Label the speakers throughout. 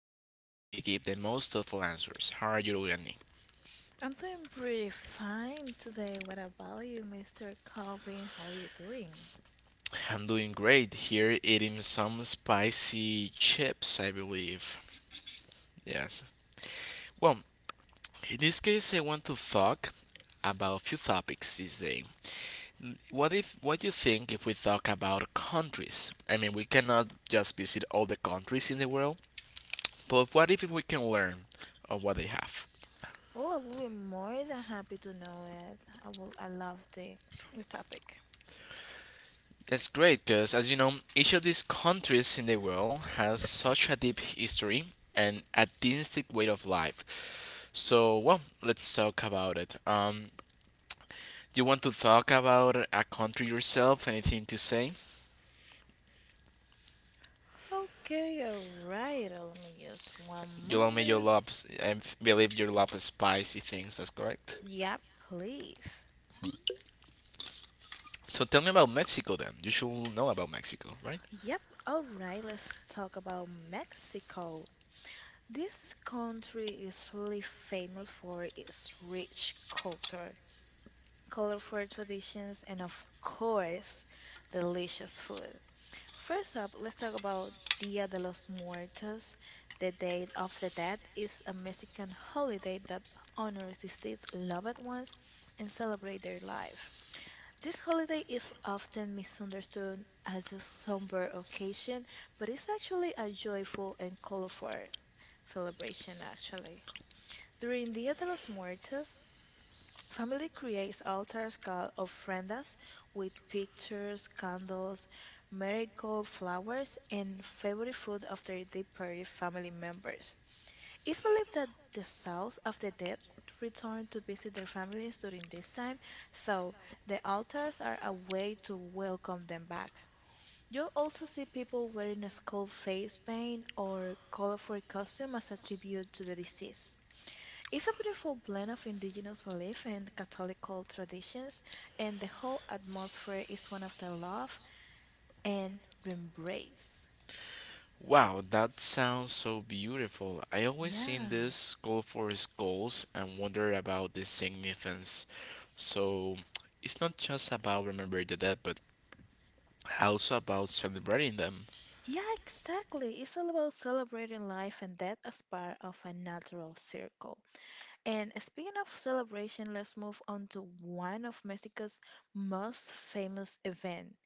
Speaker 1: everything and we give the most thoughtful answers. How are you doing, Andy?
Speaker 2: I'm doing pretty fine today. What about you, Mr. Calvin? How are you doing?
Speaker 1: I'm doing great here, eating some spicy chips, I believe. Yes. Well, in this case, I want to talk about a few topics this day. What you think if we talk about countries? I mean, we cannot just visit all the countries in the world, but what if we can learn of what they have?
Speaker 2: Oh, I will be more than happy to know it. I love the topic.
Speaker 1: That's great because, as you know, each of these countries in the world has such a deep history and a distinct way of life. So, well, let's talk about it. Do you want to talk about a country yourself? Anything to say?
Speaker 2: Okay, all right. Let me just one
Speaker 1: You love me, you
Speaker 2: moment.
Speaker 1: love, I believe you love spicy things. That's correct.
Speaker 2: Yep, please.
Speaker 1: So, tell me about Mexico then. You should know about Mexico, right?
Speaker 2: Yep, all right, let's talk about Mexico. This country is really famous for its rich culture, colorful traditions, and of course, delicious food. First up, let's talk about Dia de los Muertos. The Day of the Dead is a Mexican holiday that honors deceased loved ones and celebrate their life. This holiday is often misunderstood as a somber occasion, but it's actually a joyful and colorful celebration, actually. During Dia de los Muertos, family creates altars called ofrendas with pictures, candles, marigold flowers, and favorite food after departed family members. It's believed that the souls of the dead return to visit their families during this time, so the altars are a way to welcome them back. You'll also see people wearing a skull face paint or colorful costume as a tribute to the deceased. It's a beautiful blend of indigenous belief and Catholical traditions, and the whole atmosphere is one of the love and embrace.
Speaker 1: Wow, that sounds so beautiful. I always seen
Speaker 2: Yeah.
Speaker 1: this goal for goals and wonder about the significance. So it's not just about remembering the dead, but also about celebrating them.
Speaker 2: Yeah, exactly. It's all about celebrating life and death as part of a natural circle. And speaking of celebration, let's move on to one of Mexico's most famous event,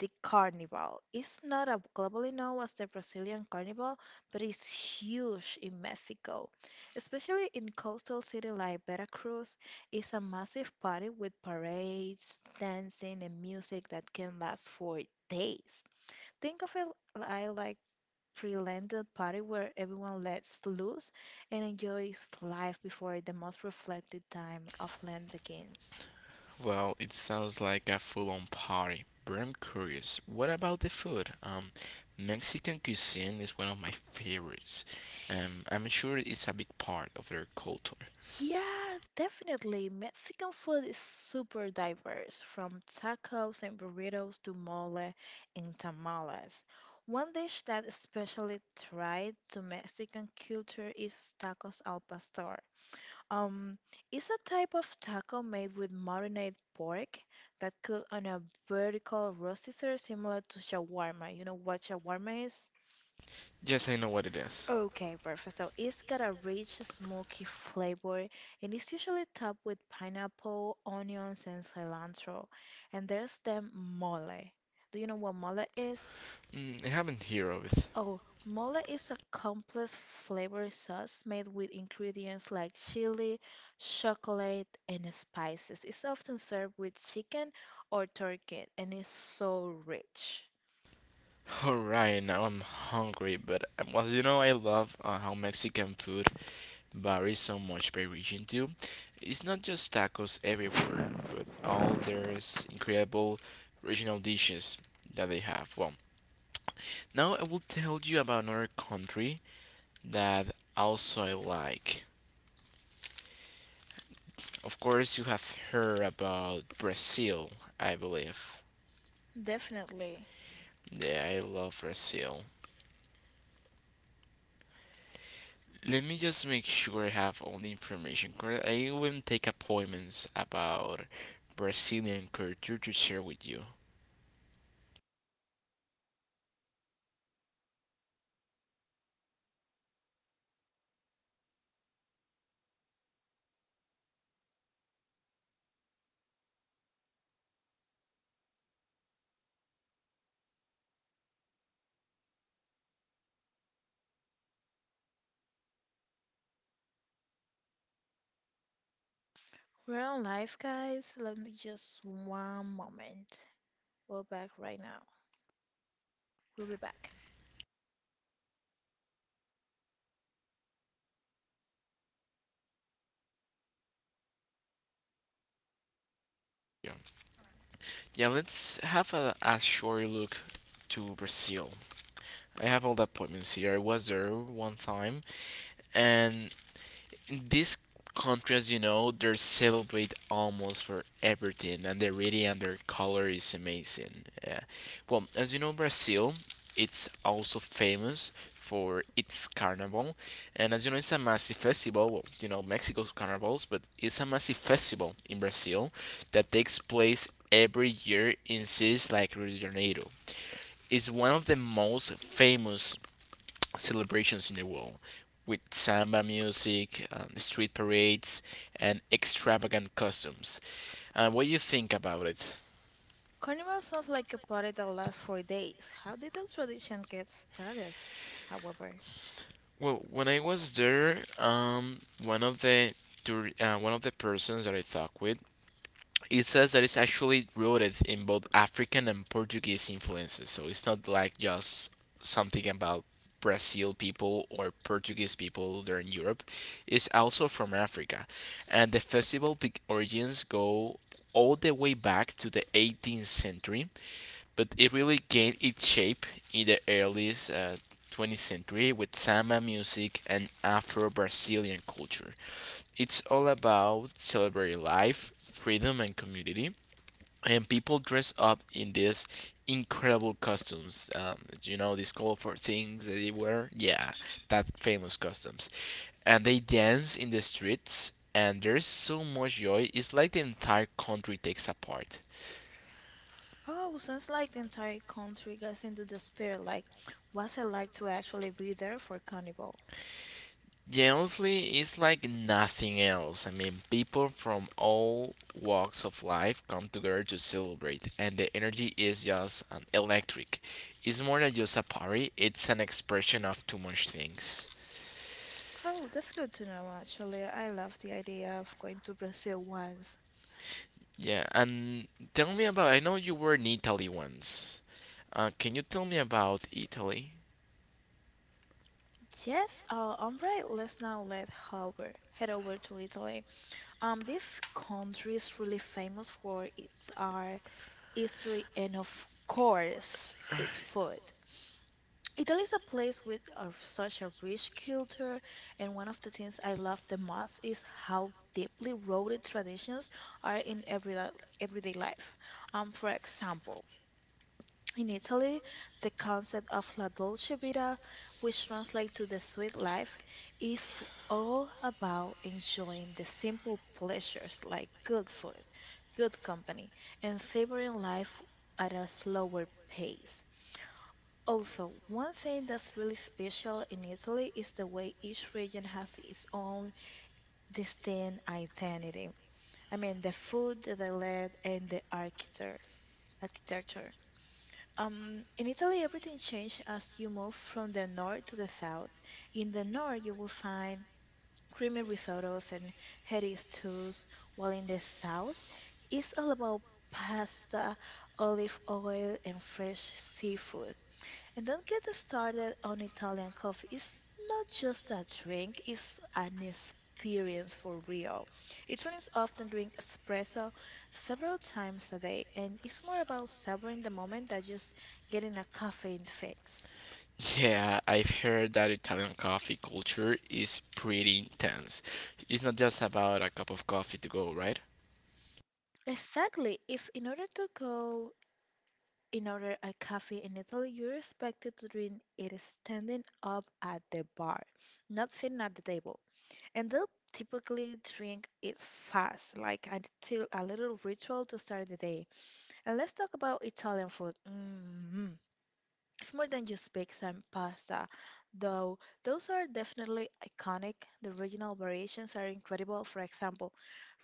Speaker 2: the carnival. It's not as globally known as the Brazilian carnival, but it's huge in Mexico. Especially in coastal cities like Veracruz, it's a massive party with parades, dancing, and music that can last for days. Think of it like pre-landed party where everyone lets loose and enjoys life before the most reflective time of land begins.
Speaker 1: Well, it sounds like a full-on party. But I'm curious, what about the food? Mexican cuisine is one of my favorites. I'm sure it's a big part of their culture.
Speaker 2: Yeah, definitely. Mexican food is super diverse, from tacos and burritos to mole and tamales. One dish that especially tied to Mexican culture is tacos al pastor. Um, it's a type of taco made with marinated pork that cooked on a vertical roaster similar to shawarma. You know what shawarma is?
Speaker 1: Yes, I know what it is.
Speaker 2: Okay, perfect. So it's got a rich, smoky flavor, and it's usually topped with pineapple, onions, and cilantro. And there's the mole. Do you know what mole is?
Speaker 1: Mm, I haven't heard of it.
Speaker 2: Oh, mole is a complex flavor sauce made with ingredients like chili, chocolate, and spices. It's often served with chicken or turkey, and it's so rich.
Speaker 1: All right, now I'm hungry, but well, I love how Mexican food varies so much by region too. It's not just tacos everywhere, but all there's incredible regional dishes that they have. Well, now I will tell you about another country that also I like. Of course, you have heard about Brazil, I believe.
Speaker 2: Definitely.
Speaker 1: Yeah, I love Brazil. Let me just make sure I have all the information correct. I will take appointments about Brazilian culture to share with you.
Speaker 2: We're on live, guys. Let me just one moment. We're back right now. We'll be back.
Speaker 1: Yeah, yeah, let's have a short look to Brazil. I have all the appointments here. I was there one time, and these countries, you know, they celebrate almost for everything, and they really and their color is amazing. Yeah. Well, as you know, Brazil, it's also famous for its carnival, and as you know, it's a massive festival. Well, you know, Mexico's carnivals, but it's a massive festival in Brazil that takes place every year in cities like Rio de Janeiro. It's one of the most famous celebrations in the world, with samba music, street parades, and extravagant costumes. What do you think about it?
Speaker 2: Carnival sounds like a party that lasts for days. How did the tradition get started, however?
Speaker 1: Well, when I was there, one of the one of the persons that I talked with it says that it's actually rooted in both African and Portuguese influences. So it's not like just something about Brazil people or Portuguese people there in Europe. It's also from Africa. And the origins go all the way back to the 18th century, but it really gained its shape in the early 20th century with samba music and Afro Brazilian culture. It's all about celebrating life, freedom, and community and people dress up in these incredible costumes. You know these colorful things that they wear. Yeah, that famous costumes, and they dance in the streets. And there's so much joy. It's like the entire country takes apart.
Speaker 2: Oh, sounds like the entire country gets into the spirit. Like, what's it like to actually be there for Carnival?
Speaker 1: Yeah, honestly, it's like nothing else. I mean, people from all walks of life come together to celebrate, and the energy is just electric. It's more than just a party, it's an expression of too much things.
Speaker 2: Oh, that's good to know, actually. I love the idea of going to Brazil once.
Speaker 1: Yeah, and tell me about. I know you were in Italy once. Can you tell me about Italy?
Speaker 2: Yes, all right, let's now let Howard head over to Italy. This country is really famous for its art, history, and of course, its food. Italy is a place with such a rich culture, and one of the things I love the most is how deeply rooted traditions are in everyday life. For example, in Italy, the concept of la dolce vita, which translates to the sweet life, is all about enjoying the simple pleasures like good food, good company, and savoring life at a slower pace. Also, one thing that's really special in Italy is the way each region has its own distinct identity. I mean, the food, the land, and the architecture. Architecture. In Italy, everything changed as you move from the north to the south. In the north, you will find creamy risottos and heady stews, while in the south, it's all about pasta, olive oil, and fresh seafood. And don't get us started on Italian coffee. It's not just a drink, it's an experience for real. Italians often drink espresso several times a day, and it's more about savoring the moment than just getting a caffeine fix.
Speaker 1: Yeah, I've heard that Italian coffee culture is pretty intense. It's not just about a cup of coffee to go, right?
Speaker 2: Exactly. If in order to go In order a coffee in Italy, you're expected to drink it standing up at the bar, not sitting at the table. And they'll typically drink it fast, like until a little ritual to start the day. And let's talk about Italian food. It's more than just bakes and pasta, though those are definitely iconic. The regional variations are incredible. For example,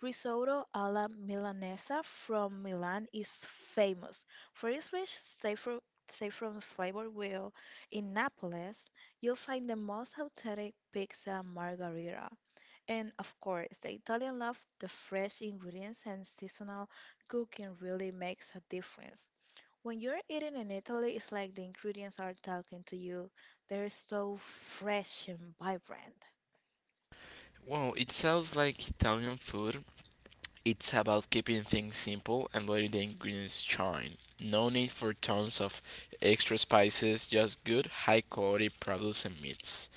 Speaker 2: risotto alla Milanese from Milan is famous for its rich saffron flavor, while in Naples, you'll find the most authentic pizza margherita. And of course, the Italian love the fresh ingredients and seasonal cooking really makes a difference. When you're eating in Italy, it's like the ingredients are talking to you. They're so fresh and vibrant.
Speaker 1: Well, it sounds like Italian food. It's about keeping things simple and letting the ingredients shine. No need for tons of extra spices, just good, high quality produce and meats.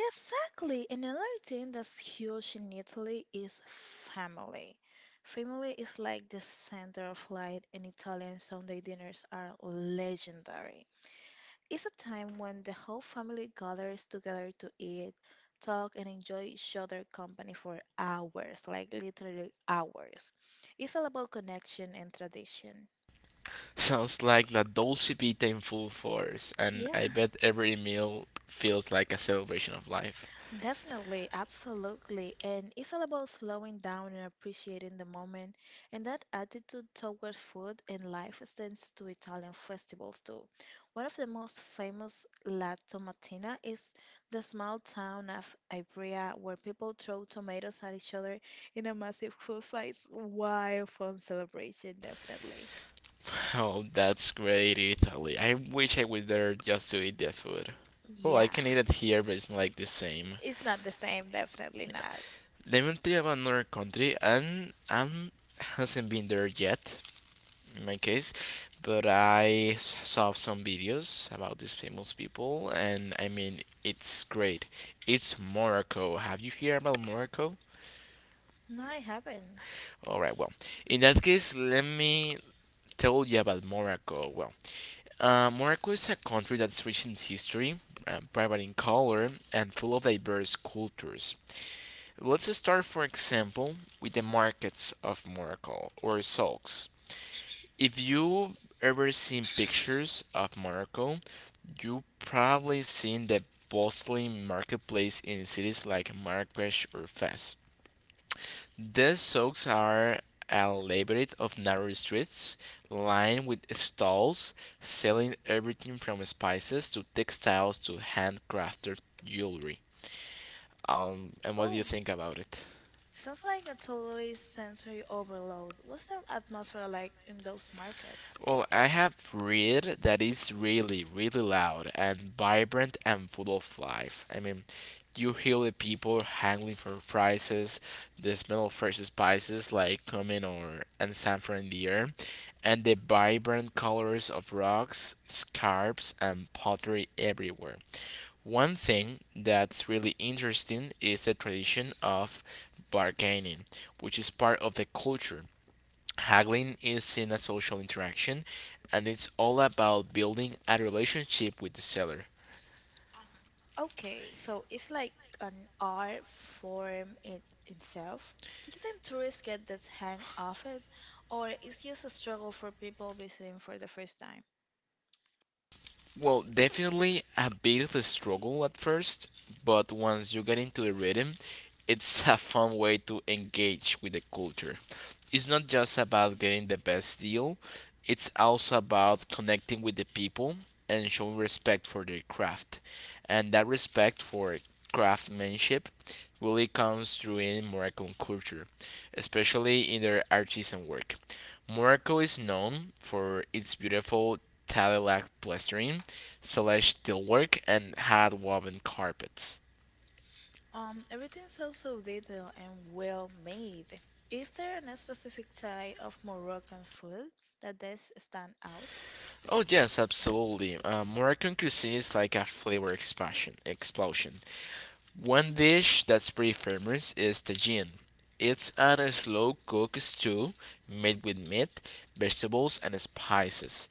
Speaker 2: Exactly. And another thing that's huge in Italy is family. Family is like the center of light, and Italian Sunday dinners are legendary. It's a time when the whole family gathers together to eat, talk, and enjoy each other's company for hours, like literally hours. It's all about connection and tradition.
Speaker 1: Sounds like La Dolce Vita in full force, and
Speaker 2: Yeah.
Speaker 1: I bet every meal feels like a celebration of life.
Speaker 2: Definitely, absolutely. And it's all about slowing down and appreciating the moment. And that attitude toward food and life extends to Italian festivals too. One of the most famous, La Tomatina, is the small town of Ivrea where people throw tomatoes at each other in a massive food fight. It's wild fun celebration, definitely.
Speaker 1: Oh, that's great, Italy. I wish I was there just to eat their food. Well, I
Speaker 2: Yeah,
Speaker 1: can eat it here, but it's not like the same.
Speaker 2: it's not the same, definitely not.
Speaker 1: Let me tell you about another country, and I hasn't been there yet, in my case, but I saw some videos about these famous people, and I mean, it's great. It's Morocco. Have you heard about Morocco?
Speaker 2: No, I haven't.
Speaker 1: All right, well, in that case, let me tell you about Morocco. Well, Morocco is a country that's rich in history, vibrant in color, and full of diverse cultures. Let's start, for example, with the markets of Morocco or souks. If you ever seen pictures of Morocco, you probably seen the bustling marketplace in cities like Marrakesh or Fez. These souks are elaborate of narrow streets lined with stalls selling everything from spices to textiles to handcrafted jewelry. And what do you
Speaker 2: Oh.
Speaker 1: think about it?
Speaker 2: Sounds like a totally sensory overload. What's the atmosphere like in those markets?
Speaker 1: Well, I have read that it's really, really loud and vibrant and full of life. I mean, you hear the people hangling for prices, the smell of fresh spices like cumin or and samphire in the air, and the vibrant colors of rocks, scarps, and pottery everywhere. One thing that's really interesting is the tradition of bargaining, which is part of the culture. Haggling is seen as social interaction and it's all about building a relationship with the seller.
Speaker 2: Okay, so it's like an art form in itself. Do you think tourists get this hang of it, or it's just a struggle for people visiting for the first time?
Speaker 1: Well, definitely a bit of a struggle at first, but once you get into the rhythm, it's a fun way to engage with the culture. It's not just about getting the best deal, it's also about connecting with the people and showing respect for their craft. And that respect for craftsmanship really comes through in Moroccan culture, especially in their artisan work. Morocco is known for its beautiful tile-like plastering, celeste steelwork, and hand-woven carpets.
Speaker 2: Everything's so detailed and well made. Is there a specific type of Moroccan food that does stand out?
Speaker 1: Oh yes, absolutely. Moroccan cuisine is like a flavor expansion explosion. One dish that's pretty famous is tagine. It's a slow cooked stew made with meat, vegetables, and spices.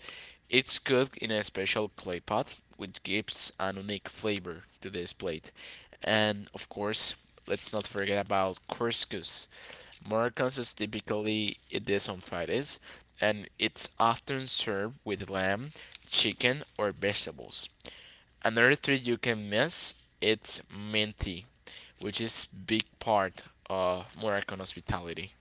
Speaker 1: It's cooked in a special clay pot, which gives an unique flavor to this plate. And of course, let's not forget about couscous. Moroccans is typically eat this on Fridays, and it's often served with lamb, chicken, or vegetables. Another thing you can miss it's minty, which is big part of Moroccan hospitality.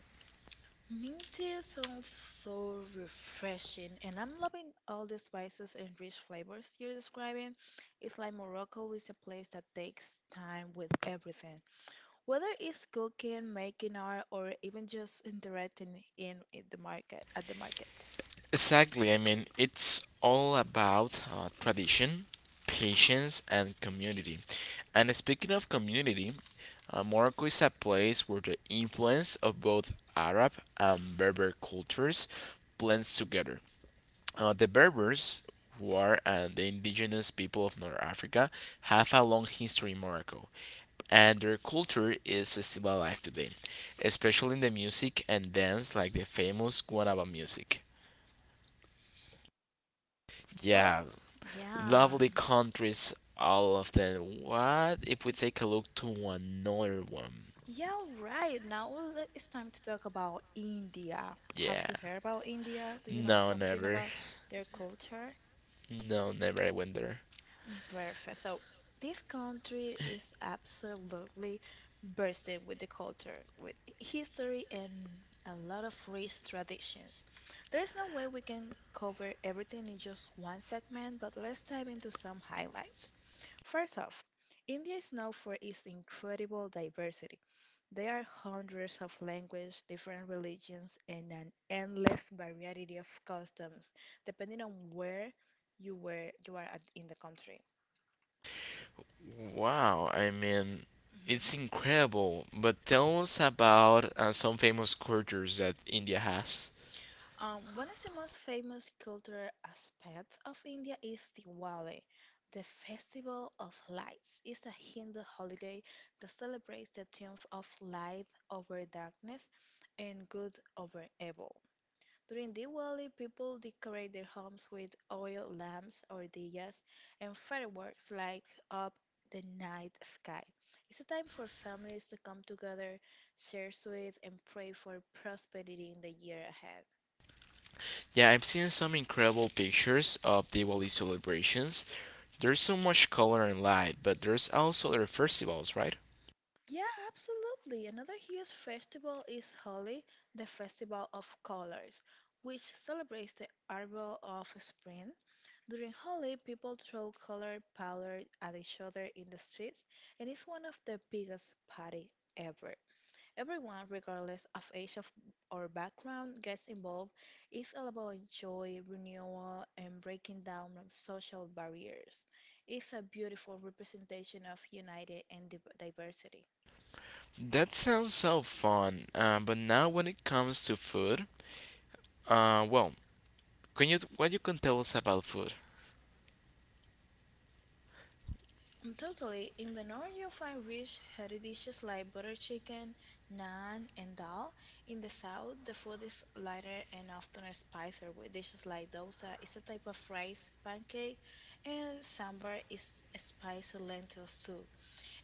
Speaker 2: Mint tea sounds so refreshing, and I'm loving all the spices and rich flavors you're describing. It's like Morocco is a place that takes time with everything. Whether it's cooking, making art, or even just interacting in the market at the markets.
Speaker 1: Exactly. I mean, it's all about tradition, patience, and community. And speaking of community, Morocco is a place where the influence of both Arab and Berber cultures blends together. The Berbers, who are the indigenous people of North Africa, have a long history in Morocco, and their culture is still alive today, especially in the music and dance, like the famous Guanaba music.
Speaker 2: Or,
Speaker 1: Yeah,
Speaker 2: yeah.
Speaker 1: lovely countries, all of them. What if we take a look to another one?
Speaker 2: Yeah, right. Now it's time to talk about India. Have
Speaker 1: Yeah.
Speaker 2: you heard about India? Do you know
Speaker 1: No,
Speaker 2: something
Speaker 1: never.
Speaker 2: about their culture?
Speaker 1: No, never. I went there.
Speaker 2: Perfect. So this country is absolutely bursting with the culture, with history, and a lot of rich traditions. There's no way we can cover everything in just one segment, but let's dive into some highlights. First off, India is known for its incredible diversity. There are hundreds of languages, different religions, and an endless variety of customs, depending on where you are at in the country.
Speaker 1: Wow. I mean,
Speaker 2: hmm
Speaker 1: it's incredible. But tell us about some famous cultures that India has.
Speaker 2: One of the most famous cultural aspects of India is Diwali. The Festival of Lights is a Hindu holiday that celebrates the triumph of light over darkness and good over evil. During Diwali, people decorate their homes with oil lamps or diyas and fireworks light up the night sky. It's a time for families to come together, share sweets, and pray for prosperity in the year ahead.
Speaker 1: Yeah, I've seen some incredible pictures of Diwali celebrations. There's so much color and light, but there's also their festivals, right?
Speaker 2: Yeah, absolutely. Another huge festival is Holi, the Festival of Colors, which celebrates the arrival of spring. During Holi, people throw colored powder at each other in the streets, and it's one of the biggest party ever. Everyone, regardless of or background, gets involved. It's all about joy, renewal, and breaking down of social barriers. It's a beautiful representation of unity and diversity.
Speaker 1: That sounds so fun, but now when it comes to food, well, can you what you can tell us about food?
Speaker 2: Totally. In the north, you'll find rich, hearty dishes like butter chicken, naan, and dal. In the south, the food is lighter and often spicier with dishes like dosa. It's a type of rice, pancake, and sambar is a spicy lentil soup.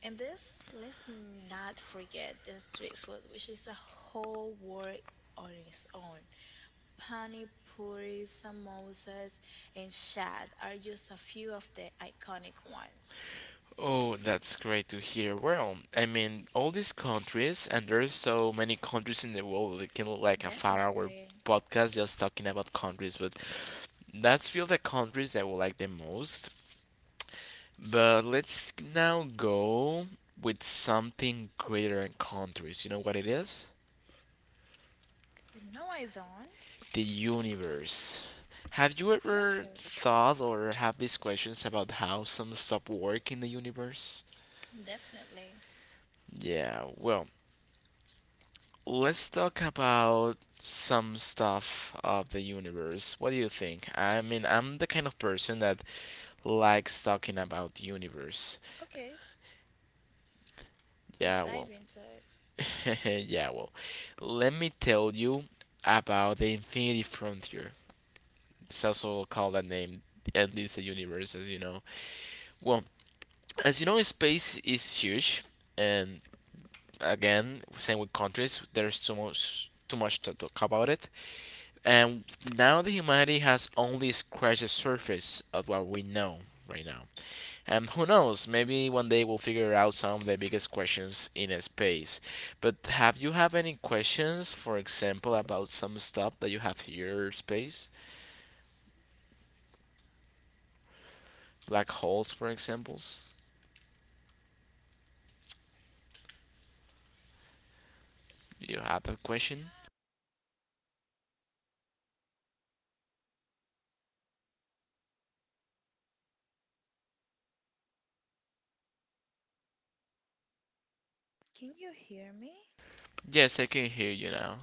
Speaker 2: And this, let's not forget the street food, which is a whole world on its own. Pani puris, samosas, and shad are just a few of the iconic ones.
Speaker 1: Oh, that's great to hear. Well, I mean, all these countries, and there's so many countries in the world. It can look like a far hour
Speaker 2: Definitely.
Speaker 1: podcast just talking about countries, but that's few of the countries I would like the most. But let's now go with something greater than countries. You know what it is?
Speaker 2: No, I don't.
Speaker 1: The universe. Have you ever
Speaker 2: Perfect.
Speaker 1: thought or have these questions about how some stuff work in the universe?
Speaker 2: Definitely.
Speaker 1: Yeah, well, let's talk about some stuff of the universe. What do you think? I mean, I'm the kind of person that likes talking about the universe.
Speaker 2: Okay,
Speaker 1: Yeah,
Speaker 2: let's
Speaker 1: well.
Speaker 2: dive into it.
Speaker 1: Yeah, well. Let me tell you about the Infinity Frontier. It's also called that name, at least the universe, as you know. Well, as you know, space is huge, and again, same with countries. There's too much to talk about it. And now the humanity has only scratched the surface of what we know right now. And who knows, maybe one day we'll figure out some of the biggest questions in space. But have you have any questions, for example, about some stuff that you have here in space? Black holes, for examples? You have that question?
Speaker 2: Can you hear me?
Speaker 1: Yes, I can hear you now.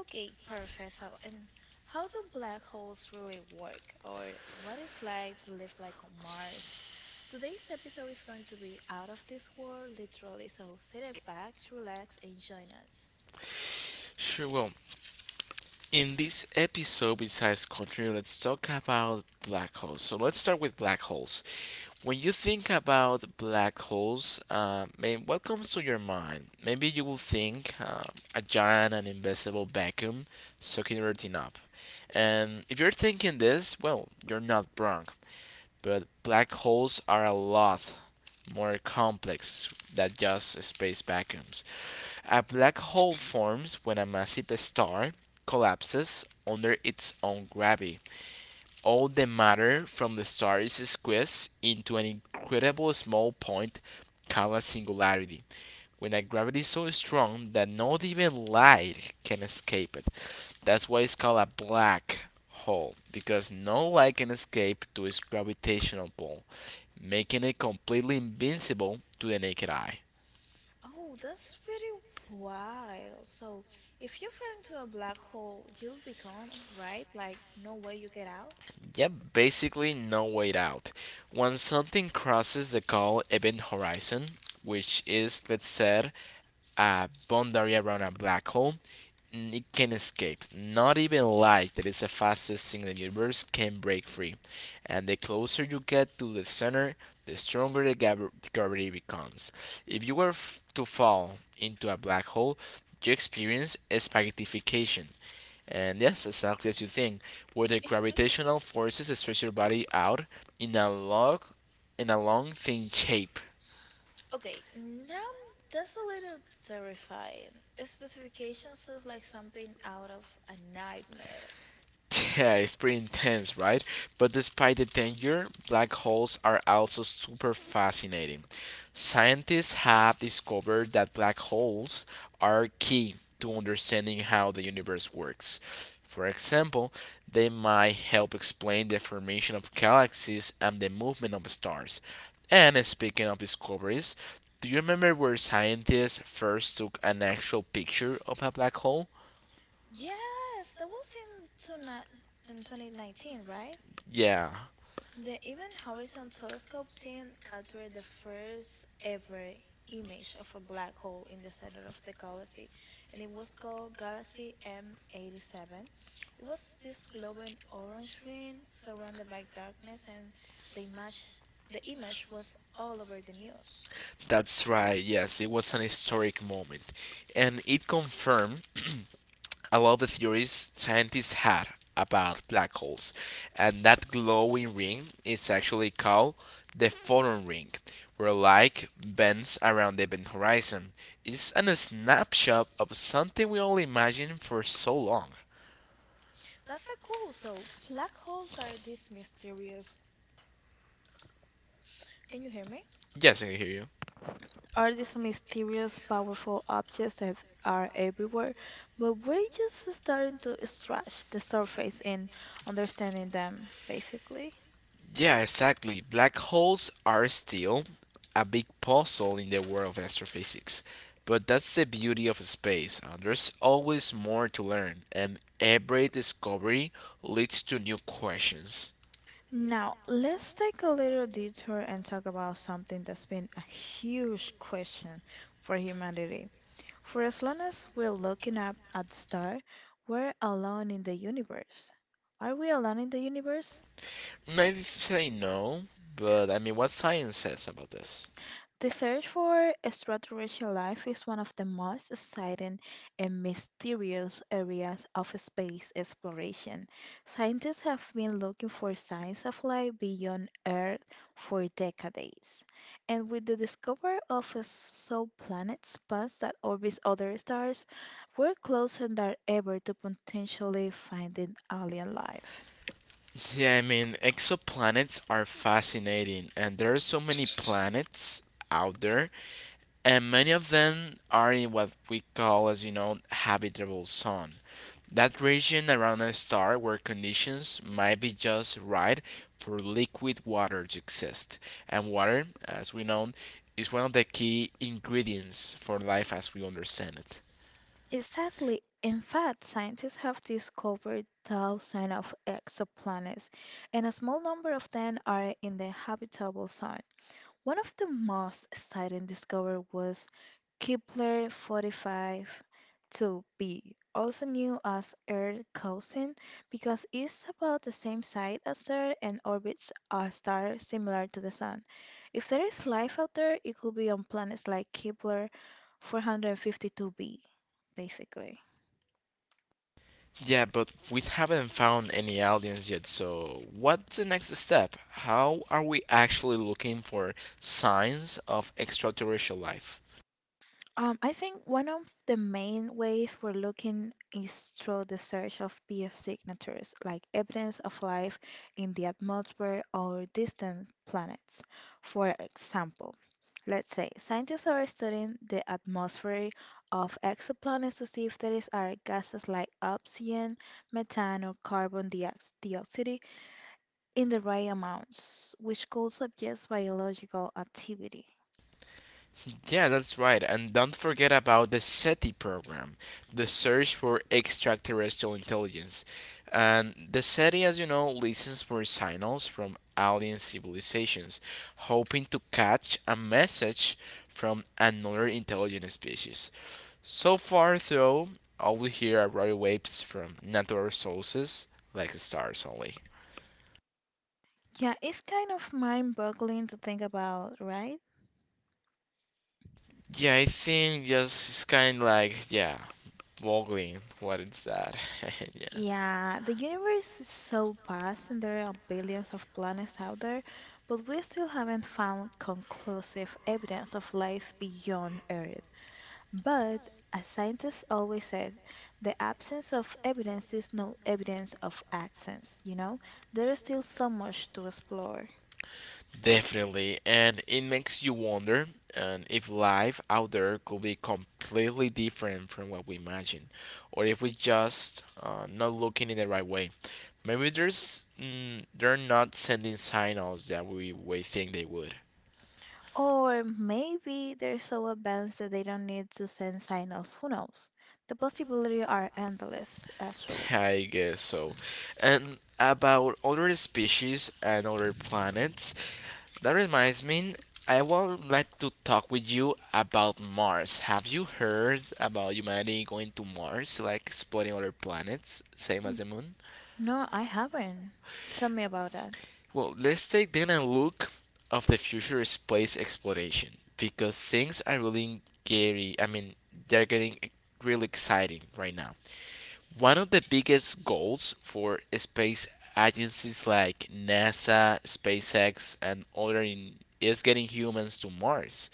Speaker 2: Okay, perfect. So, and how do black holes really work, or what it's like to live like on Mars? Today's episode is going to be out of this world, literally, so sit it back, relax, and join us.
Speaker 1: Sure, well, in this episode, besides continue, let's talk about black holes. So let's start with black holes. When you think about black holes, man, what comes to your mind? Maybe you will think a giant and invisible vacuum sucking everything up. And if you're thinking this, well, you're not wrong. But black holes are a lot more complex than just space vacuums. A black hole forms when a massive star collapses under its own gravity. All the matter from the star is squeezed into an incredible small point called a singularity, when a gravity is so strong that not even light can escape it. That's why it's called a black hole, because no light can escape to its gravitational pull, making it completely invincible to the naked eye.
Speaker 2: Oh, that's very wild. So, if you fell into a black hole, you'll be gone, right? Like, no way you get out?
Speaker 1: Yep, basically no way out. When something crosses the call event horizon, which is, let's say, a boundary around a black hole, it can escape. Not even light, that is the fastest thing in the universe, can break free. And the closer you get to the center, the stronger the gravity becomes. If you were to fall into a black hole, you experience spaghettification, and yes, exactly as you think, where the gravitational forces stretch your body out in a long, in a long, thin shape.
Speaker 2: Okay, now that's a little terrifying. A specification sounds like something out of a nightmare.
Speaker 1: Yeah, it's pretty intense, right? But despite the danger, black holes are also super fascinating. Scientists have discovered that black holes are key to understanding how the universe works. For example, they might help explain the formation of galaxies and the movement of stars. And speaking of discoveries, do you remember where scientists first took an actual picture of a black hole?
Speaker 2: Yes, that was tonight in 2019, right?
Speaker 1: Yeah.
Speaker 2: The Event Horizon Telescope team captured the first ever image of a black hole in the center of the galaxy, and it was called Galaxy M87. It was this glowing orange ring surrounded by darkness, and the image, the image was all over the news.
Speaker 1: That's right, yes, it was an historic moment. And it confirmed a lot of the theories scientists had about black holes. And that glowing ring is actually called the photon ring, where light bends around the event horizon. It's a snapshot of something we only imagined for so long.
Speaker 2: That's so cool. So, black holes are this mysterious. Can you hear me?
Speaker 1: Yes, I can hear you.
Speaker 2: Are these mysterious, powerful objects that are everywhere, but we're just starting to scratch the surface in understanding them, basically.
Speaker 1: Yeah, exactly. Black holes are still a big puzzle in the world of astrophysics. But that's the beauty of space, and there's always more to learn, and every discovery leads to new questions.
Speaker 2: Now, let's take a little detour and talk about something that's been a huge question for humanity. For as long as we're looking up at the star, we're alone in the universe. Are we alone in the universe?
Speaker 1: Maybe say no, but I mean, what science says about this?
Speaker 2: The search for extraterrestrial life is one of the most exciting and mysterious areas of space exploration. Scientists have been looking for signs of life beyond Earth for decades. And with the discovery of exoplanets, planets that orbit other stars, we're closer than ever to potentially finding alien life.
Speaker 1: Yeah, I mean, exoplanets are fascinating, and there are so many planets out there, and many of them are in what we call, as you know, habitable zone. That region around a star where conditions might be just right for liquid water to exist. And water, as we know, is one of the key ingredients for life as we understand it.
Speaker 2: Exactly. In fact, scientists have discovered thousands of exoplanets, and a small number of them are in the habitable zone. One of the most exciting discoveries was Kepler 452b, also known as Earth Cousin, because it's about the same size as Earth and orbits a star similar to the Sun. If there is life out there, it could be on planets like Kepler 452b, basically.
Speaker 1: Yeah, but we haven't found any aliens yet, so what's the next step? How are we actually looking for signs of extraterrestrial life?
Speaker 2: I think one of the main ways we're looking is through the search of PF signatures, like evidence of life in the atmosphere or distant planets. For example, let's say scientists are studying the atmosphere of exoplanets to see if there is are gases like oxygen, methane, or carbon dioxide in the right amounts, which could suggest biological activity.
Speaker 1: Yeah, that's right, and don't forget about the SETI program, the search for extraterrestrial intelligence. And the SETI, as you know, listens for signals from alien civilizations, hoping to catch a message from another intelligent species. So far, though, all we hear are radio waves from natural sources, like stars only.
Speaker 2: Yeah, it's kind of mind-boggling to think about, right?
Speaker 1: Yeah, I think just it's kind of like, yeah, boggling. What is that? Yeah,
Speaker 2: Yeah, the universe is so vast and there are billions of planets out there, but we still haven't found conclusive evidence of life beyond Earth. But, as scientists always said, the absence of evidence is no evidence of absence, you know? There is still so much to explore.
Speaker 1: definitely. And it makes you wonder and if life out there could be completely different from what we imagine, or if we just not looking in the right way. Maybe they're not sending signals that we think they would.
Speaker 2: Or maybe they're so advanced that they don't need to send signals. Who knows? The possibilities are endless, actually.
Speaker 1: I guess so. And about other species and other planets, that reminds me, I would like to talk with you about Mars. Have you heard about humanity going to Mars, like exploring other planets, same as the moon?
Speaker 2: No, I haven't. Tell me about that.
Speaker 1: Well, let's take then a look of the future space exploration because things are really scary. I mean, they're getting really exciting right now. One of the biggest goals for space agencies like NASA, SpaceX, and others is getting humans to Mars.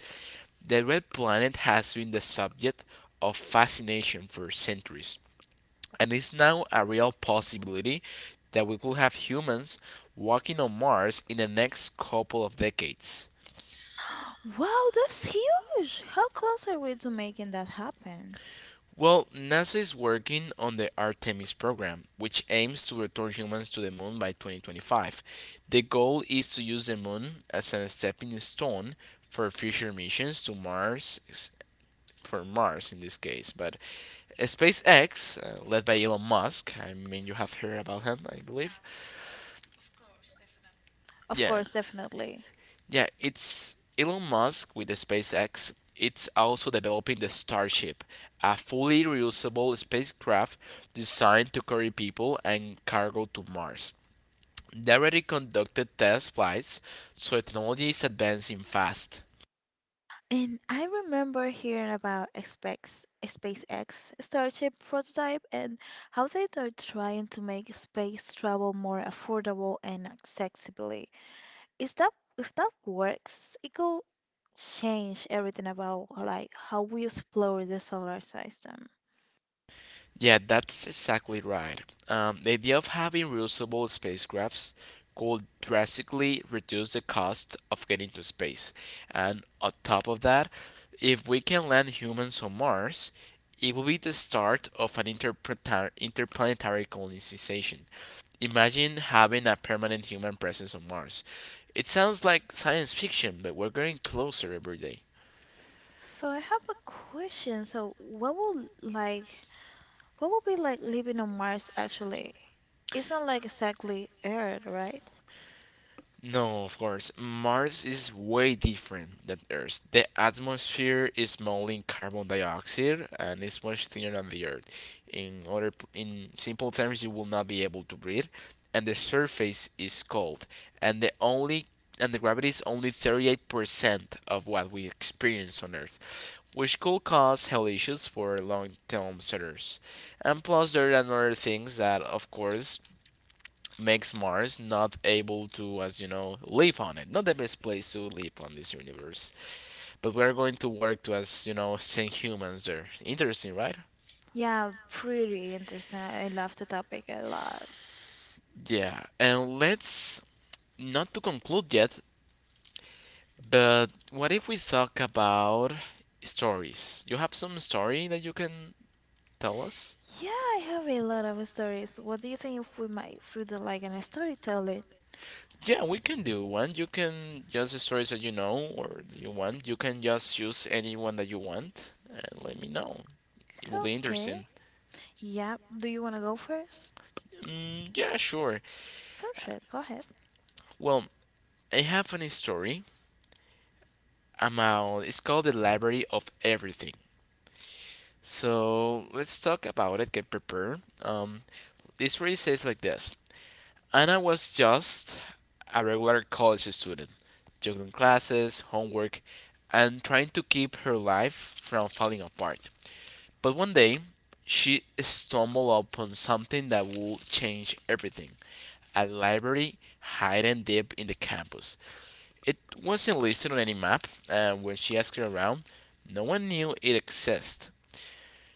Speaker 1: The red planet has been the subject of fascination for centuries, and it's now a real possibility that we could have humans walking on Mars in the next couple of decades.
Speaker 2: Wow, that's huge! How close are we to making that happen?
Speaker 1: Well, NASA is working on the Artemis program, which aims to return humans to the moon by 2025. The goal is to use the moon as a stepping stone for future missions to Mars, for Mars in this case. But SpaceX, led by Elon Musk, I mean, you have heard about him, I believe.
Speaker 2: Of
Speaker 1: Yeah.
Speaker 2: course, definitely.
Speaker 1: Yeah, it's Elon Musk with the SpaceX. It's also developing the Starship, a fully reusable spacecraft designed to carry people and cargo to Mars. They already conducted test flights, so technology is advancing fast.
Speaker 2: And I remember hearing about SpaceX, SpaceX Starship prototype and how they are trying to make space travel more affordable and accessible. Is that if that works, it could change everything about like how we explore the solar system.
Speaker 1: Yeah, that's exactly right. The idea of having reusable spacecrafts could drastically reduce the cost of getting to space. And on top of that, if we can land humans on Mars, it will be the start of an interplanetary colonization. Imagine having a permanent human presence on Mars. It sounds like science fiction, but we're getting closer every day.
Speaker 2: So I have a question. So what will like what will be like living on Mars actually? It's not like exactly Earth, right?
Speaker 1: No, of course. Mars is way different than Earth. The atmosphere is mainly carbon dioxide and is much thinner than the Earth. In simple terms, you will not be able to breathe, and the surface is cold. And the only and the gravity is only 38% of what we experience on Earth, which could cause health issues for long-term settlers. And plus, there are other things that, of course, makes Mars not able to, as you know, live on it. Not the best place to live on this universe, but we're going to work to, as you know, send humans there. Interesting, right?
Speaker 2: Yeah, pretty interesting. I love the topic a lot.
Speaker 1: Yeah, and let's not to conclude yet, but what if we talk about stories? You have some story that you can tell us?
Speaker 2: Yeah, I have a lot of stories. What do you think if we might feel the, like in a storytelling?
Speaker 1: Yeah, we can do one. You can just stories that you know or you want. You can just choose any one that you want and let me know. It will be interesting.
Speaker 2: Okay. Yeah, do you want to go first?
Speaker 1: Mm, yeah, sure.
Speaker 2: Perfect, go ahead.
Speaker 1: Well, I have a funny story about it's called the library of everything. So let's talk about it, get prepared. This story says like this. Anna was just a regular college student, juggling classes, homework, and trying to keep her life from falling apart. But one day she stumbled upon something that would change everything. A library hidden deep in the campus. It wasn't listed on any map, and when she asked her around, no one knew it existed.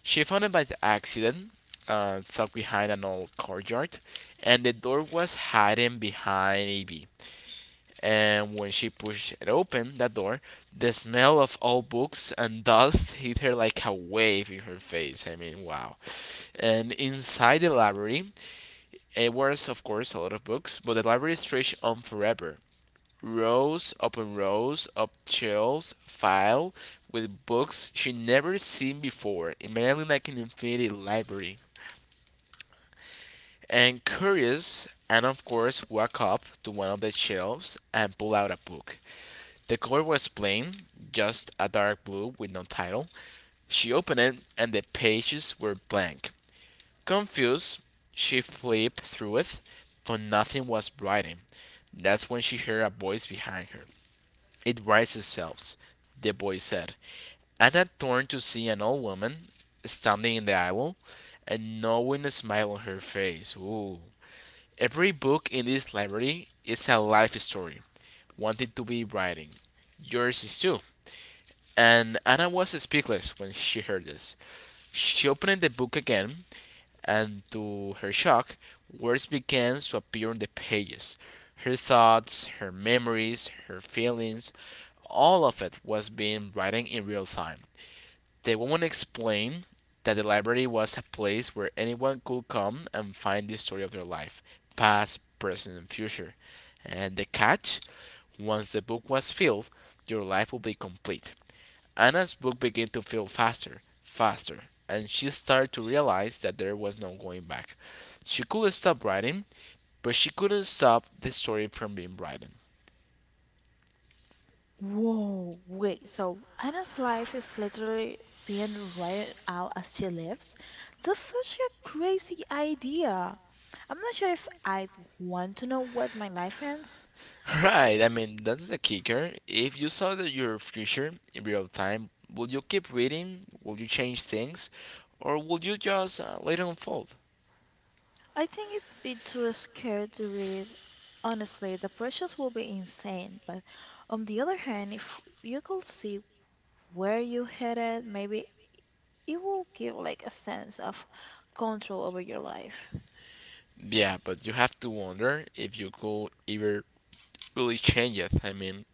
Speaker 1: She found it by the accident, tucked behind an old courtyard, and the door was hidden behind a bee. And when she pushed it open, that door, the smell of old books and dust hit her like a wave in her face. I mean, wow. And inside the library, it was, of course, a lot of books, but the library stretched on forever rows upon rows of shelves filled with books she'd never seen before, immediately like an infinity library. And curious, Anna of course walked up to one of the shelves and pulled out a book. The cover was plain, just a dark blue with no title. She opened it and the pages were blank. Confused, she flipped through it, but nothing was writing. That's when she heard a voice behind her. It writes itself, the boy said. I had turned to see an old woman standing in the aisle and knowing a smile on her face. Ooh. Every book in this library is a life story, wanting to be writing. Yours is too. And Anna was speechless when she heard this. She opened the book again, and to her shock, words began to appear on the pages. Her thoughts, her memories, her feelings, all of it was being written in real time. The woman explained that the library was a place where anyone could come and find the story of their life, past, present, and future. And the catch once the book was filled, your life would be complete. Anna's book began to fill faster, faster, and she started to realize that there was no going back. She could not stop writing, but she couldn't stop the story from being written.
Speaker 2: Whoa, wait. So Anna's life is literally being written out as she lives? That's such a crazy idea. I'm not sure if I'd want to know what my life ends.
Speaker 1: Right, I mean, that's the kicker. If you saw that your future in real time, would you keep reading? Would you change things? Or would you just let it unfold?
Speaker 2: I think it'd be too scared to read. Honestly, the pressures will be insane. But on the other hand, if you could see where you headed, maybe it will give like a sense of control over your life.
Speaker 1: Yeah, but you have to wonder if you could ever really change it. I mean,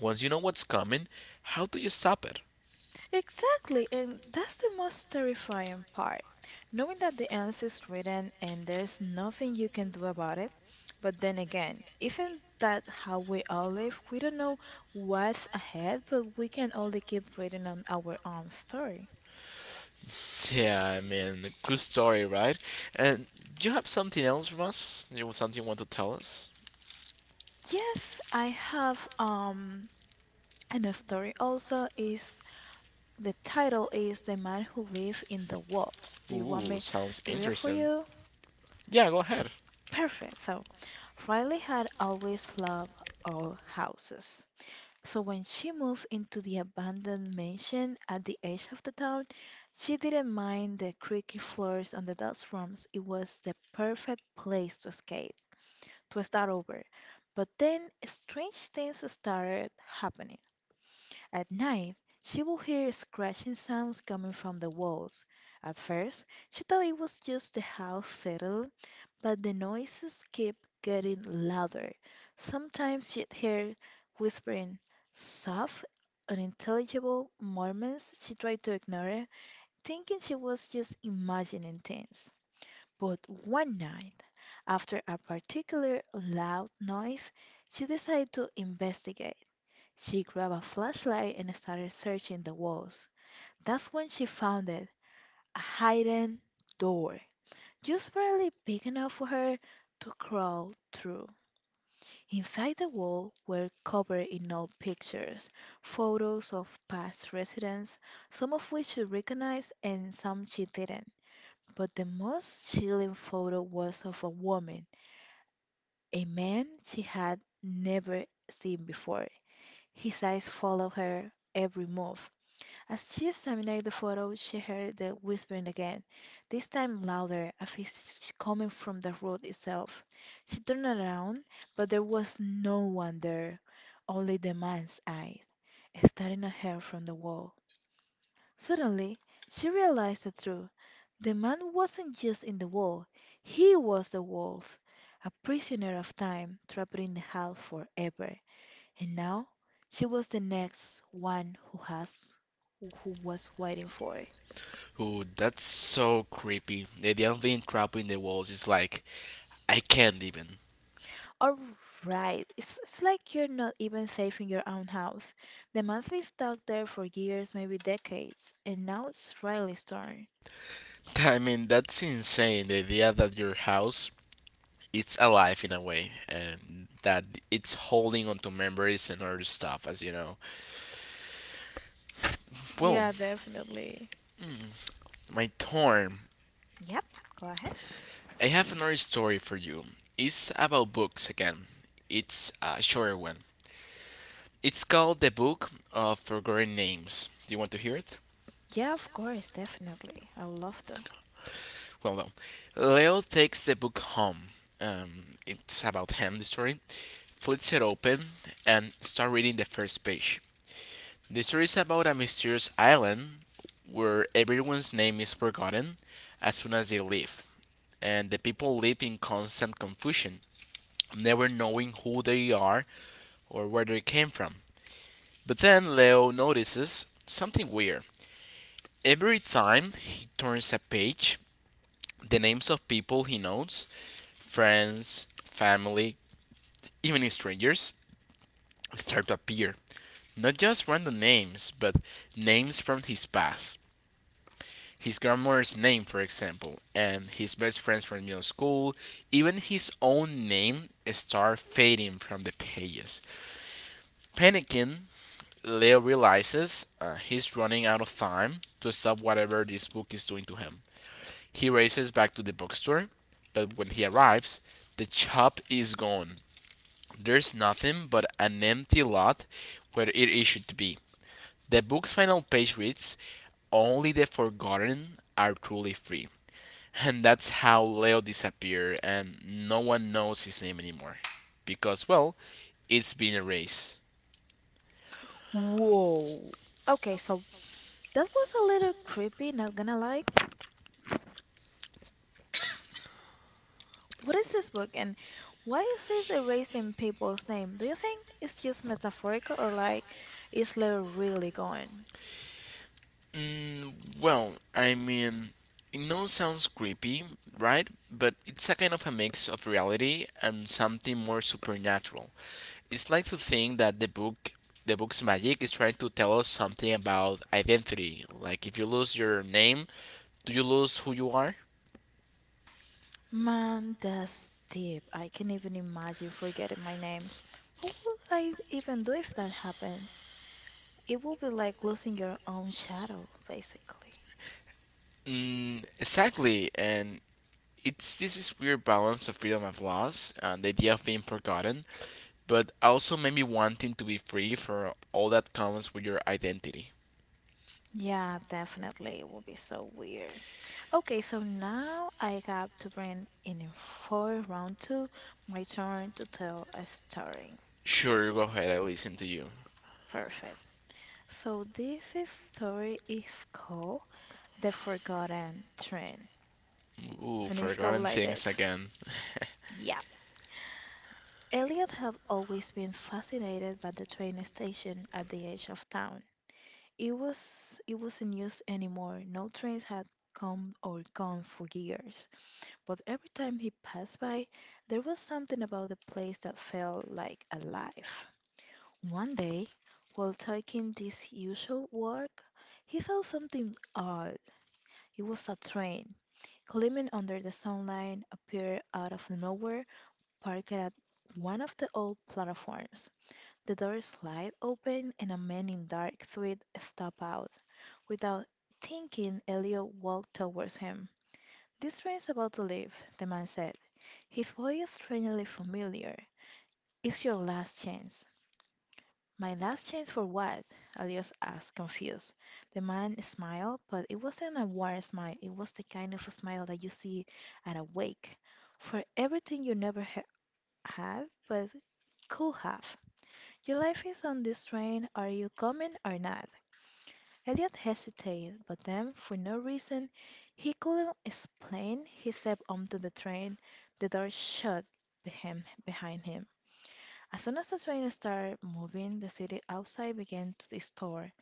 Speaker 1: once you know what's coming, how do you stop it?
Speaker 2: Exactly, and that's the most terrifying part. Knowing that the answer is written and there's nothing you can do about it. But then again, isn't that how we all live? We don't know what's ahead, but we can only keep reading on our own story.
Speaker 1: Yeah, I mean, good story, right? And do you have something else from us? You want something you want to tell us?
Speaker 2: Yes, I have and a story also is the title is The Man Who Lived in the Walls. Do you want
Speaker 1: Ooh,
Speaker 2: me
Speaker 1: sounds
Speaker 2: to read it for
Speaker 1: interesting.
Speaker 2: you?
Speaker 1: Yeah, go ahead.
Speaker 2: Perfect. So, Riley had always loved old houses. So, when she moved into the abandoned mansion at the edge of the town, she didn't mind the creaky floors and the dust rooms. It was the perfect place to escape, to start over. But then, strange things started happening. At night, she would hear scratching sounds coming from the walls. At first, she thought it was just the house settling, but the noises kept getting louder. Sometimes she'd hear whispering, soft, unintelligible murmurs. She tried to ignore it, thinking she was just imagining things. But one night, after a particular loud noise, she decided to investigate. She grabbed a flashlight and started searching the walls. That's when she found it, a hidden door, just barely big enough for her to crawl through. Inside the wall were covered in old pictures, photos of past residents, some of which she recognized and some she didn't. But the most chilling photo was of a woman, a man she had never seen before. His eyes followed her every move. As she examined the photo, she heard the whispering again, this time louder, as if it's coming from the road itself. She turned around, but there was no one there, only the man's eyes, staring at her from the wall. Suddenly she realized the truth. The man wasn't just in the wall, he was the wolf, a prisoner of time, trapped in the house forever. And now she was the next one who has who was waiting for.
Speaker 1: Ooh, that's so creepy. The idea of being trapped in the walls is like, I can't even.
Speaker 2: All right, it's like you're not even safe in your own house. They must be stuck there for years, maybe decades, and now it's Riley's turn.
Speaker 1: I mean, that's insane. The idea that your house it's alive in a way, and that it's holding onto memories and other stuff, as you know. Well,
Speaker 2: Yeah, definitely.
Speaker 1: my turn.
Speaker 2: Yep, go ahead.
Speaker 1: I have another story for you. It's about books again. It's a shorter one. It's called The Book of Forgotten Names. Do you want to hear it?
Speaker 2: Yeah, of course, definitely. I would love to.
Speaker 1: Well, no. Leo takes the book home. It's about him, the story. Flips it open and start reading the first page. The story is about a mysterious island where everyone's name is forgotten as soon as they leave, and the people live in constant confusion, never knowing who they are or where they came from. But then Leo notices something weird. Every time he turns a page, the names of people he knows, friends, family, even strangers start to appear. Not just random names, but names from his past. His grandmother's name, for example, and his best friends from middle school, even his own name start fading from the pages. Panicking, Leo realizes he's running out of time to stop whatever this book is doing to him. He races back to the bookstore, but when he arrives, the shop is gone. There's nothing but an empty lot where it is should be. The book's final page reads, only the forgotten are truly free. And that's how Leo disappeared, and no one knows his name anymore. Because, well, it's been erased.
Speaker 2: Whoa. Okay, so that was a little creepy, not gonna lie. What is this book and why is it erasing people's name? Do you think it's just metaphorical or like is Leo really gone?
Speaker 1: Mm, well, I mean, it now sounds creepy, right? But it's a kind of a mix of reality and something more supernatural. It's like to think that the book's magic is trying to tell us something about identity. Like if you lose your name, do you lose who you are?
Speaker 2: Man, that's deep. I can't even imagine forgetting my name. What would I even do if that happened? It would be like losing your own shadow, basically.
Speaker 1: Mm, exactly, and it's this is weird balance of freedom and loss, and the idea of being forgotten, but also maybe wanting to be free for all that comes with your identity.
Speaker 2: Yeah, definitely. It would be so weird. Okay, so now I got to bring in for round two, my turn to tell a story.
Speaker 1: Sure, go ahead, I listen to you.
Speaker 2: Perfect. So this is story is called The Forgotten Train.
Speaker 1: Ooh,
Speaker 2: And it's go
Speaker 1: forgotten
Speaker 2: like
Speaker 1: things
Speaker 2: this.
Speaker 1: again.
Speaker 2: Yeah. Elliot had always been fascinated by the train station at the edge of town. It wasn't used anymore. No trains had come or gone for years, but every time he passed by, there was something about the place that felt like alive. One day, while taking this usual walk, he saw something odd. It was a train, gleaming under the sunlight, appeared out of nowhere, parked at one of the old platforms. The door slid open and a man in dark suit stepped out. Without thinking, Elliot walked towards him. "This train's about to leave," the man said, his voice strangely familiar. "It's your last chance." "My last chance for what?" Elliot asked, confused. The man smiled, but it wasn't a warm smile, it was the kind of smile that you see at a wake. "For everything you never ha had, but could have. Your life is on this train. Are you coming or not?" Elliot hesitated, but then, for no reason he couldn't explain, he stepped onto the train. The door shut behind him. As soon as the train started moving, the city outside began to distort.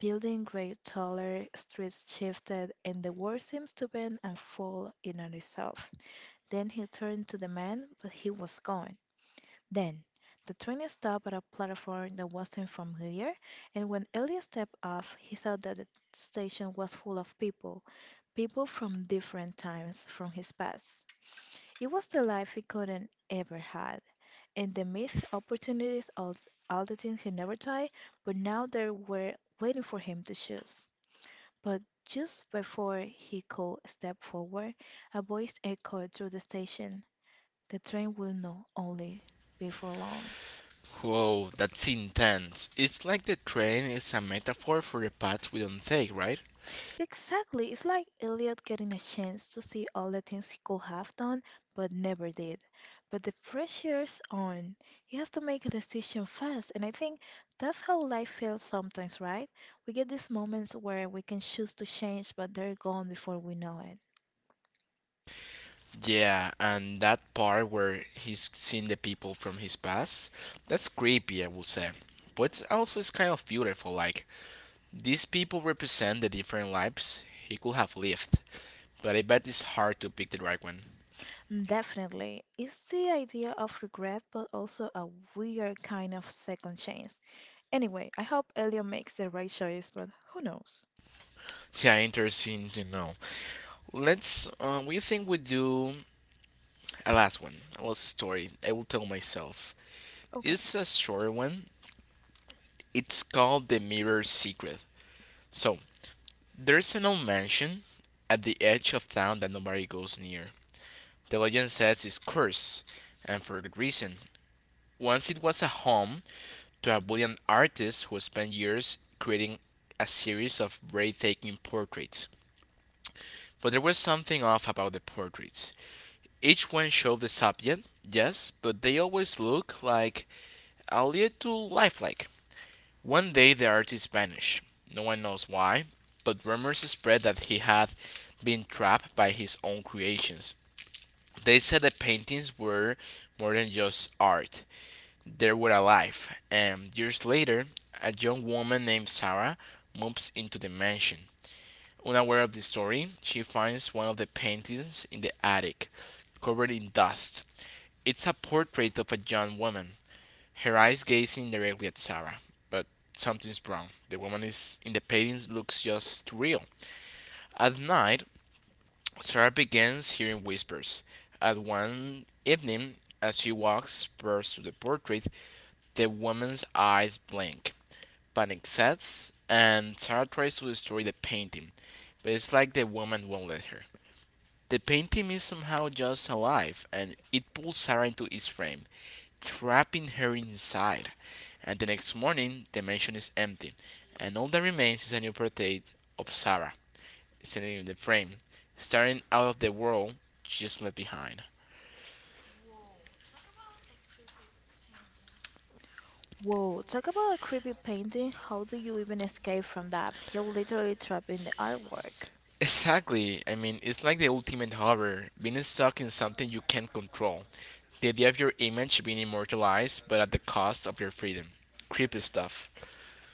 Speaker 2: Buildings grew taller, streets shifted, and the world seemed to bend and fall in on itself. Then he turned to the man, but he was gone. Then the train stopped at a platform that wasn't familiar, and when Elliot stepped off he saw that the station was full of people from different times, from his past. It was the life he couldn't ever had. And the missed opportunities of all the things he never tried, but now they were waiting for him to choose. But just before he could step forward, a voice echoed through the station. The train will not only be for long.
Speaker 1: Whoa, that's intense. It's like the train is a metaphor for the paths we don't take, right?
Speaker 2: Exactly. It's like Elliot getting a chance to see all the things he could have done but never did. But the pressure's on. He has to make a decision fast, and I think that's how life feels sometimes, right? We get these moments where we can choose to change, but they're gone before we know it.
Speaker 1: Yeah, and that part where he's seeing the people from his past, that's creepy, I would say. But it's also it's kind of beautiful, like these people represent the different lives he could have lived, but I bet it's hard to pick the right one.
Speaker 2: Mm, definitely. It's the idea of regret, but also a weird kind of second chance. Anyway, I hope Elliot makes the right choice, but who knows?
Speaker 1: Yeah, interesting to know. Let's. We think we do a last one, a last story. I will tell myself.
Speaker 2: Okay.
Speaker 1: It's a short one. It's called the Mirror Secret. So there's an old mansion at the edge of town that nobody goes near. The legend says it's cursed, and for good reason. Once it was a home to a brilliant artist who spent years creating a series of breathtaking portraits. But there was something off about the portraits. Each one showed the subject, yes, but they always looked like a little lifelike. One day the artist vanished. No one knows why, but rumors spread that he had been trapped by his own creations. They said the paintings were more than just art. They were alive, and years later, a young woman named Sarah moves into the mansion. Unaware of the story, she finds one of the paintings in the attic, covered in dust. It's a portrait of a young woman, her eyes gazing directly at Sarah. But something's wrong. The woman is in the painting looks just too real. At night, Sarah begins hearing whispers. At one evening, as she walks first to the portrait, the woman's eyes blink. Panic sets, and Sarah tries to destroy the painting, but it's like the woman won't let her. The painting is somehow just alive, and it pulls Sarah into its frame, trapping her inside. And the next morning, the mansion is empty, and all that remains is a new portrait of Sarah, standing in the frame, staring out of the world she's left behind.
Speaker 2: Whoa, talk about a creepy painting. How do you even escape from that? You're literally trapped in the artwork.
Speaker 1: Exactly. I mean, it's like the ultimate horror, being stuck in something you can't control. The idea of your image being immortalized, but at the cost of your freedom. Creepy stuff.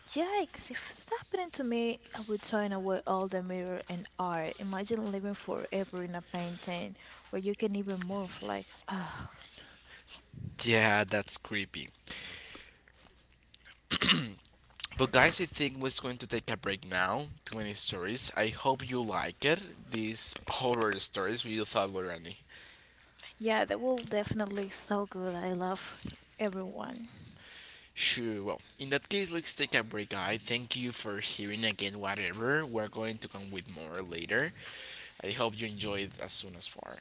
Speaker 2: Yikes, if it's happening to me, I would turn away all the mirror and art. Imagine living forever in a painting where you can even move. Like, ah,
Speaker 1: Yeah, that's creepy. But guys, I think we're going to take a break now. 20 stories. I hope you like it. These horror stories we thought were funny.
Speaker 2: yeah, that will definitely so good. I love everyone.
Speaker 1: Sure, well, in that case, let's take a break, guys. Thank you for hearing again, whatever. We're going to come with more later. I hope you enjoyed as soon as far.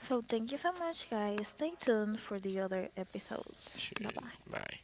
Speaker 2: So thank you so much, guys. Stay tuned for the other episodes.
Speaker 1: Sure,
Speaker 2: Bye bye.
Speaker 1: bye.